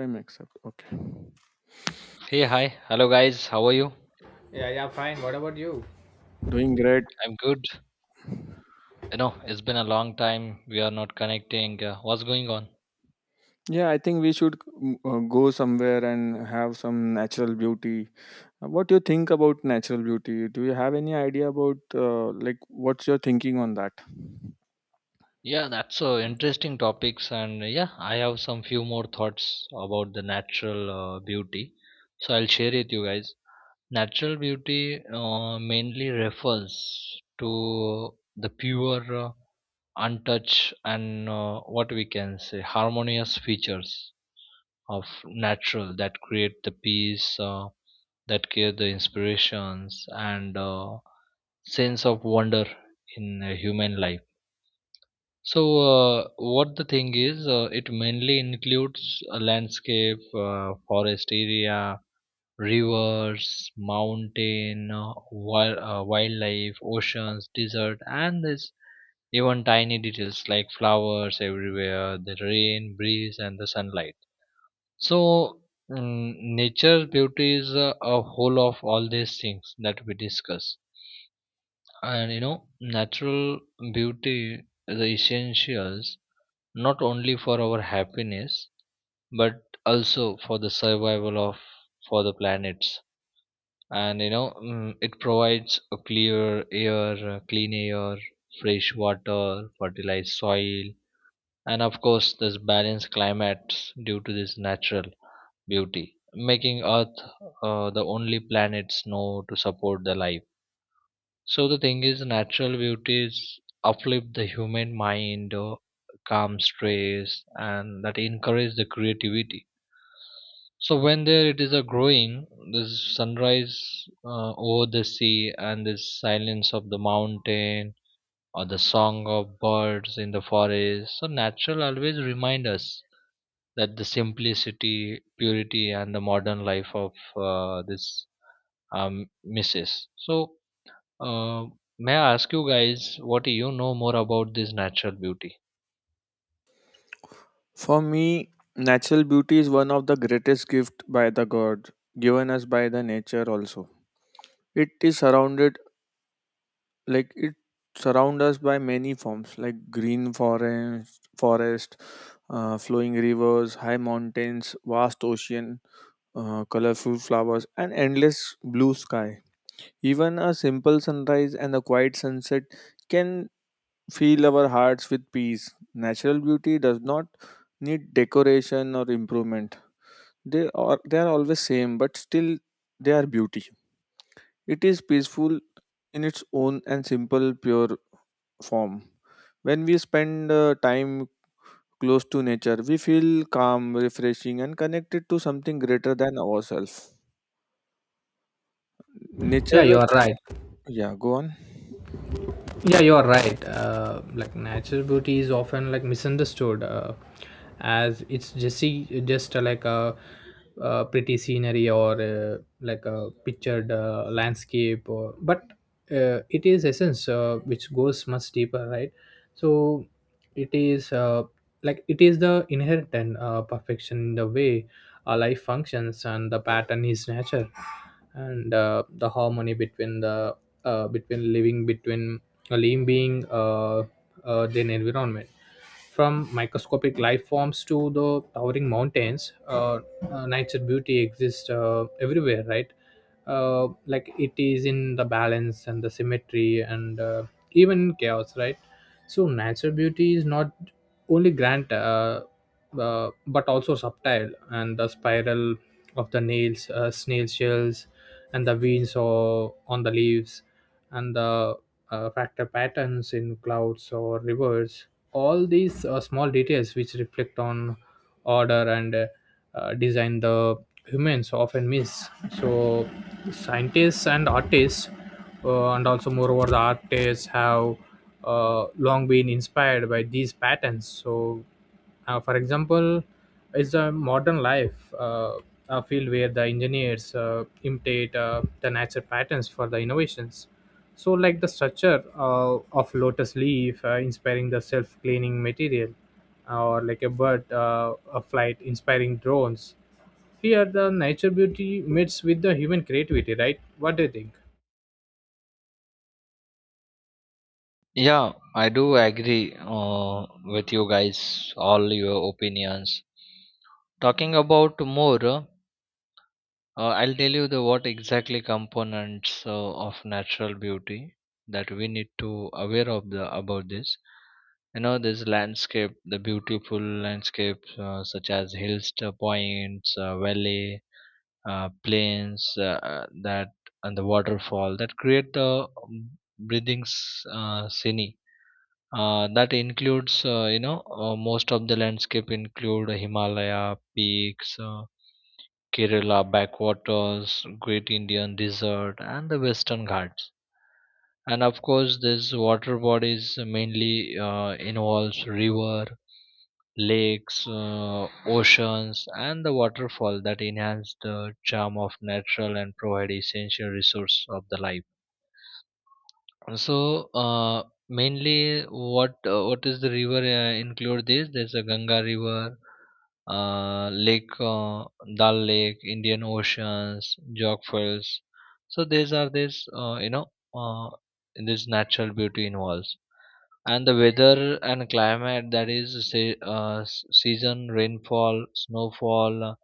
Prime accept. Okay. Hey, hi. Hello, guys. How are you? Yeah, yeah, fine. What about you? Doing great. I'm good. You know, it's been a long time. We are not connecting. What's going on? Yeah, I think we should go somewhere and have some natural beauty. What do you think about natural beauty? Do you have any idea about like what's your thinking on that? Yeah, that's interesting topics. I have some few more thoughts about the natural beauty. So I'll share it you guys. Natural beauty mainly refers to the pure, untouched, and what we can say harmonious features of natural that create the peace. That give the inspirations and sense of wonder in human life. So, what the thing is, it mainly includes a landscape, forest area, rivers, mountain, wildlife, oceans, desert, and this even tiny details like flowers everywhere, the rain, breeze, and the sunlight. So, nature beauty is a whole of all these things that we discuss. And you know, natural beauty is essentials not only for our happiness but also for the survival of for the planets. And you know, it provides a clear air, clean air, fresh water, fertilized soil, and of course, this balanced climates due to this natural beauty, making Earth the only planet snow to support the life. So the thing is, natural beauties uplift the human mind, calm stress, and that encourage the creativity. So when there it is a growing, this sunrise over the sea and this silence of the mountain or the song of birds in the forest. So natural always remind us that the simplicity, purity, and the modern life of this misses. So, uh, may I ask you guys, what do you know more about this natural beauty? For me, natural beauty is one of the greatest gift by the God given us by the nature also. It is surrounded like it surround us by many forms like green forest, flowing rivers, high mountains, vast ocean, colorful flowers, and endless blue sky. Even a simple sunrise and a quiet sunset can fill our hearts with peace. Natural beauty does not need decoration or improvement. They are always same, but still they are beauty. It is peaceful in its own and simple, pure form. When we spend time close to nature, we feel calm, refreshing, and connected to something greater than ourselves. Yeah, Nature. you're right. Yeah, go on. Like natural beauty is often like misunderstood, as it's just like a, pretty scenery or like a pictured landscape or but it is essence, which goes much deeper, right? So it is like it is the inherent and, perfection in the way our life functions and the pattern is nature, and the harmony between the between living between a living being, then environment, from microscopic life forms to the towering mountains. Nature beauty exists everywhere, right? Like it is in the balance and the symmetry and, even chaos, right? So natural beauty is not only grand, but also subtle, and the spiral of the nails, snail shells, and the veins or on the leaves, and the factor patterns in clouds or rivers. All these small details which reflect on order and, design the humans often miss. So scientists and artists, and also moreover the artists have long been inspired by these patterns. So, for example, it's a modern life. A field where the engineers imitate the natural patterns for the innovations. So, like the structure of lotus leaf inspiring the self cleaning material, or like a bird, a flight inspiring drones, here, the nature beauty meets with the human creativity, right? What do you think? Yeah, I do agree with you guys, all your opinions. Talking about more. I'll tell you the what exactly components of natural beauty that we need to aware of the about this. You know, this landscape, the beautiful landscapes such as hills, points, valley, plains, that and the waterfall that create the breathing scene. That includes, most of the landscape include Himalaya peaks. Kerala backwaters, Great Indian Desert, and the Western Ghats. And of course, this water bodies mainly involves river, lakes, oceans, and the waterfall that enhance the charm of natural and provide essential resource of the life. So, mainly, what is the river include this? There's a Ganga River, Lake Dal Lake, Indian Oceans, Jog Falls. So these are this uh, this natural beauty involves, and the weather and climate that is say, s- season, rainfall, snowfall,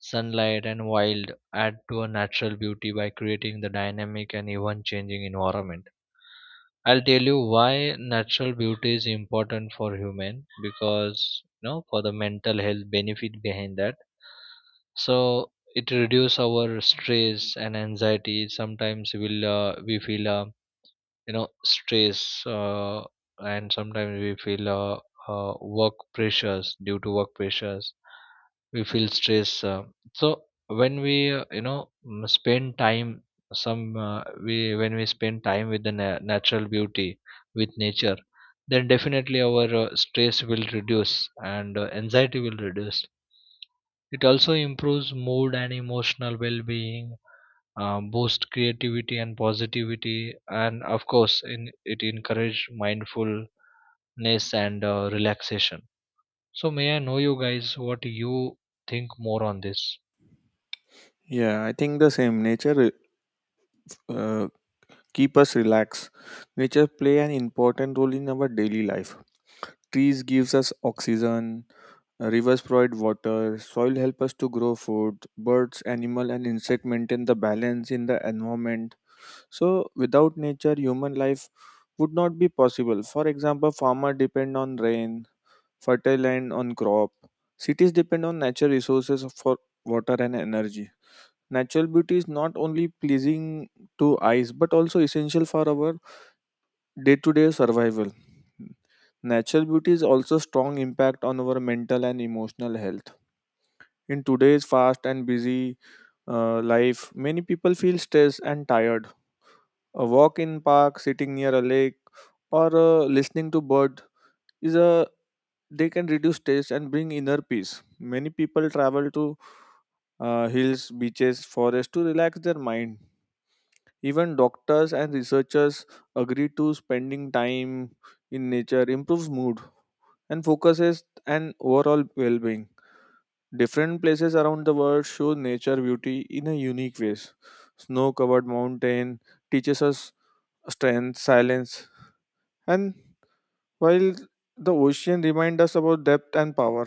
sunlight, and wild add to a natural beauty by creating the dynamic and even changing environment. I'll tell you why natural beauty is important for human because you know for the mental health benefit behind that. So it reduce our stress and anxiety. Sometimes we feel you know stress and sometimes we feel uh, work pressures due to work pressures we feel stress so when we you know spend time some we when we spend time with the natural beauty with nature then definitely our stress will reduce and anxiety will reduce. It also improves mood and emotional well-being, boost creativity and positivity, and of course it encourage mindfulness and relaxation. So may I know you guys what you think more on this. Yeah, I think the same. Nature uh, keep us relaxed. Nature play an important role in our daily life. Trees gives us oxygen, rivers provide water, soil help us to grow food, birds, animal and insect maintain the balance in the environment. So without nature human life would not be possible. For example, farmer depend on rain, fertile land on crop. Cities depend on natural resources for water and energy. Natural beauty is not only pleasing to eyes but also essential for our day-to-day survival. Natural beauty is also strong impact on our mental and emotional health. In today's fast and busy life, many people feel stressed and tired. A walk in park, sitting near a lake, or listening to bird is a they can reduce stress and bring inner peace. Many people travel to hills, beaches, forests to relax their mind. Even doctors and researchers agree to spending time in nature improves mood and focuses and overall well-being. Different places around the world show nature beauty in a unique ways. Snow-covered mountain teaches us strength, silence, and while the ocean reminds us about depth and power.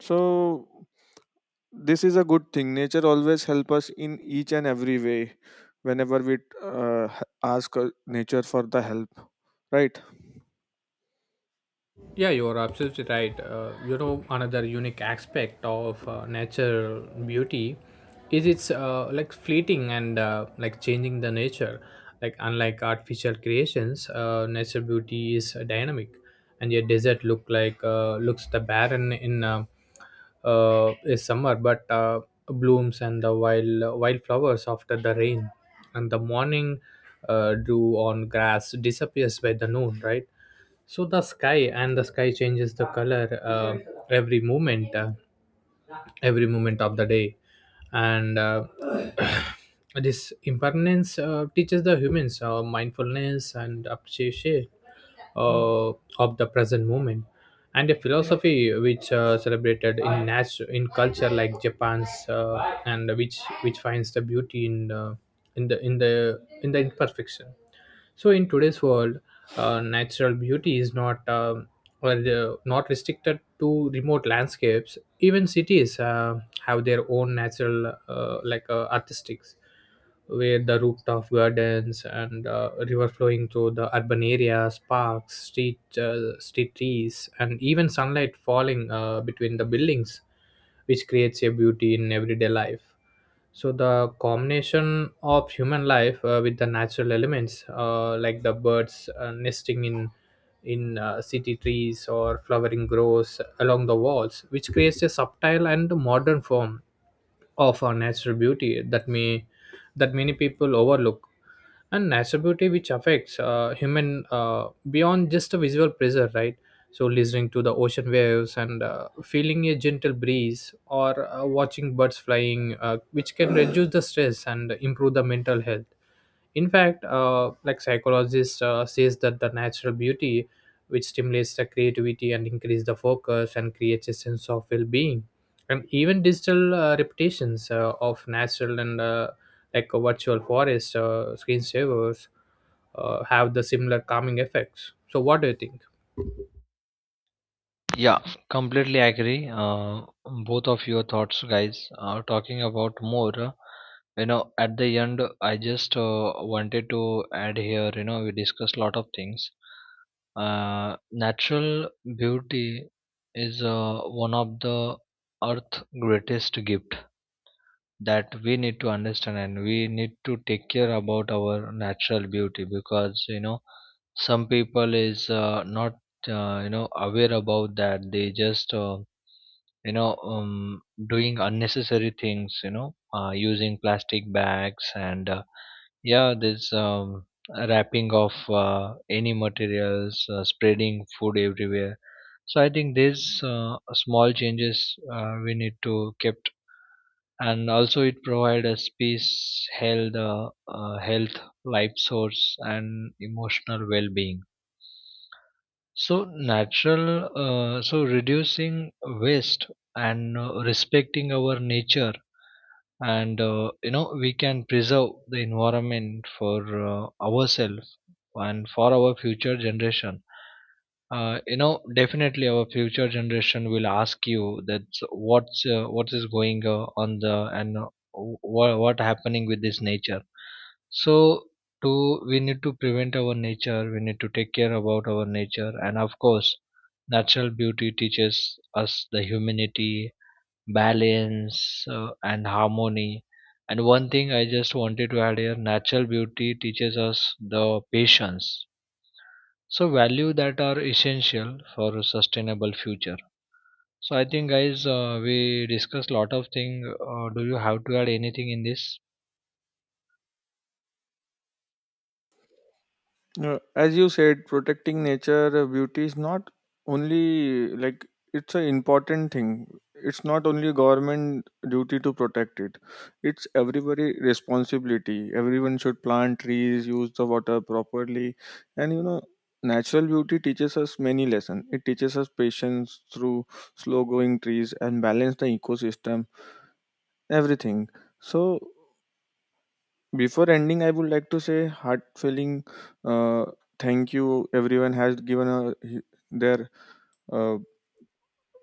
So this is a good thing nature always help us in each and every way whenever we ask nature for the help, right? Yeah, you're absolutely right. You know, another unique aspect of natural beauty is it's, like, fleeting and, like, changing the nature. Like unlike artificial creations, natural beauty is dynamic, and your desert look like looks the barren in, is summer, but blooms and the wild wildflowers after the rain, and the morning dew on grass disappears by the noon, right? So the sky and the sky changes the color, every moment uh, every moment of the day, and this impermanence teaches the humans mindfulness and appreciation uh, of the present moment, and a philosophy which celebrated in culture like Japan's, and which finds the beauty in, in the in the in the imperfection. So in today's world, natural beauty is not restricted to remote landscapes. Even cities have their own natural, artistics, where the rooftop gardens and river flowing through the urban areas, parks, street trees, and even sunlight falling between the buildings, which creates a beauty in everyday life. So the combination of human life with the natural elements, like the birds nesting in city trees or flowering groves along the walls, which creates a subtle and modern form of our natural beauty that may that many people overlook. And natural beauty which affects human beyond just a visual pleasure, right? So listening to the ocean waves and feeling a gentle breeze or watching birds flying, which can reduce the stress and improve the mental health. In fact, like, psychologist says that the natural beauty which stimulates the creativity and increase the focus and creates a sense of well-being. And even digital reputations of natural and, like, a virtual forest screensavers have the similar calming effects. So what do you think? Yeah, completely agree. Both of your thoughts, guys. Talking about more, you know, at the end, I just wanted to add here. You know, we discussed a lot of things. Natural beauty is one of the earth greatest gift that we need to understand and we need to take care about our natural beauty because you know some people is not you know aware about that they just you know um, doing unnecessary things you know using plastic bags and yeah this wrapping of any materials spreading food everywhere. So I think these small changes we need to kept, and also it provide a space health health life source and emotional well-being. So, so reducing waste and respecting our nature, and you know we can preserve the environment for ourselves and for our future generation. You know, definitely our future generation will ask you that what is going on the and what happening with this nature. So to we need to prevent our nature. We need to take care about our nature, and of course, natural beauty teaches us the humanity, balance, and harmony. And one thing I just wanted to add here: natural beauty teaches us the patience, so value that are essential for a sustainable future. So I think guys we discussed lot of thing, do you have to add anything in this? As you said, protecting nature beauty is not only like it's an important thing. It's not only government duty to protect it. It's everybody responsibility. Everyone should plant trees, use the water properly, and you know, natural beauty teaches us many lessons. It teaches us patience through slow growing trees and balance the ecosystem. Everything. So before ending, I would like to say heart feeling uh, thank you. Everyone has given a, their uh,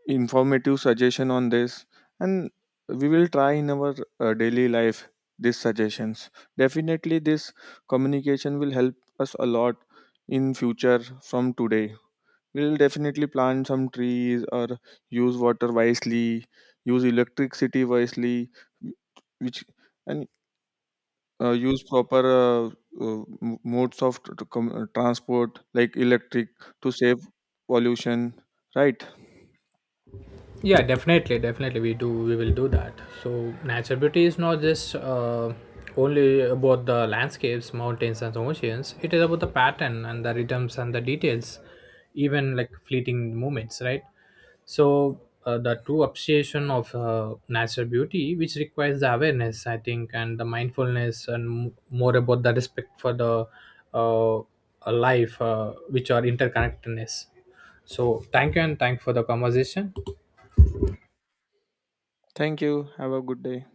informative suggestion on this, and we will try in our daily life these suggestions. Definitely, this communication will help us a lot in future from today. We will definitely plant some trees or use water wisely, use electricity wisely, which and use proper modes of transport like electric to save pollution, right? Yeah, definitely we do we will do that. So natural beauty is not just, only about the landscapes, mountains and oceans. It is about the pattern and the rhythms and the details, even like fleeting moments, right? So the true appreciation of natural beauty which requires the awareness, I think, and the mindfulness and more about the respect for the, uh, life, which are interconnectedness. So thank you, and thank for the conversation. Thank you, have a good day.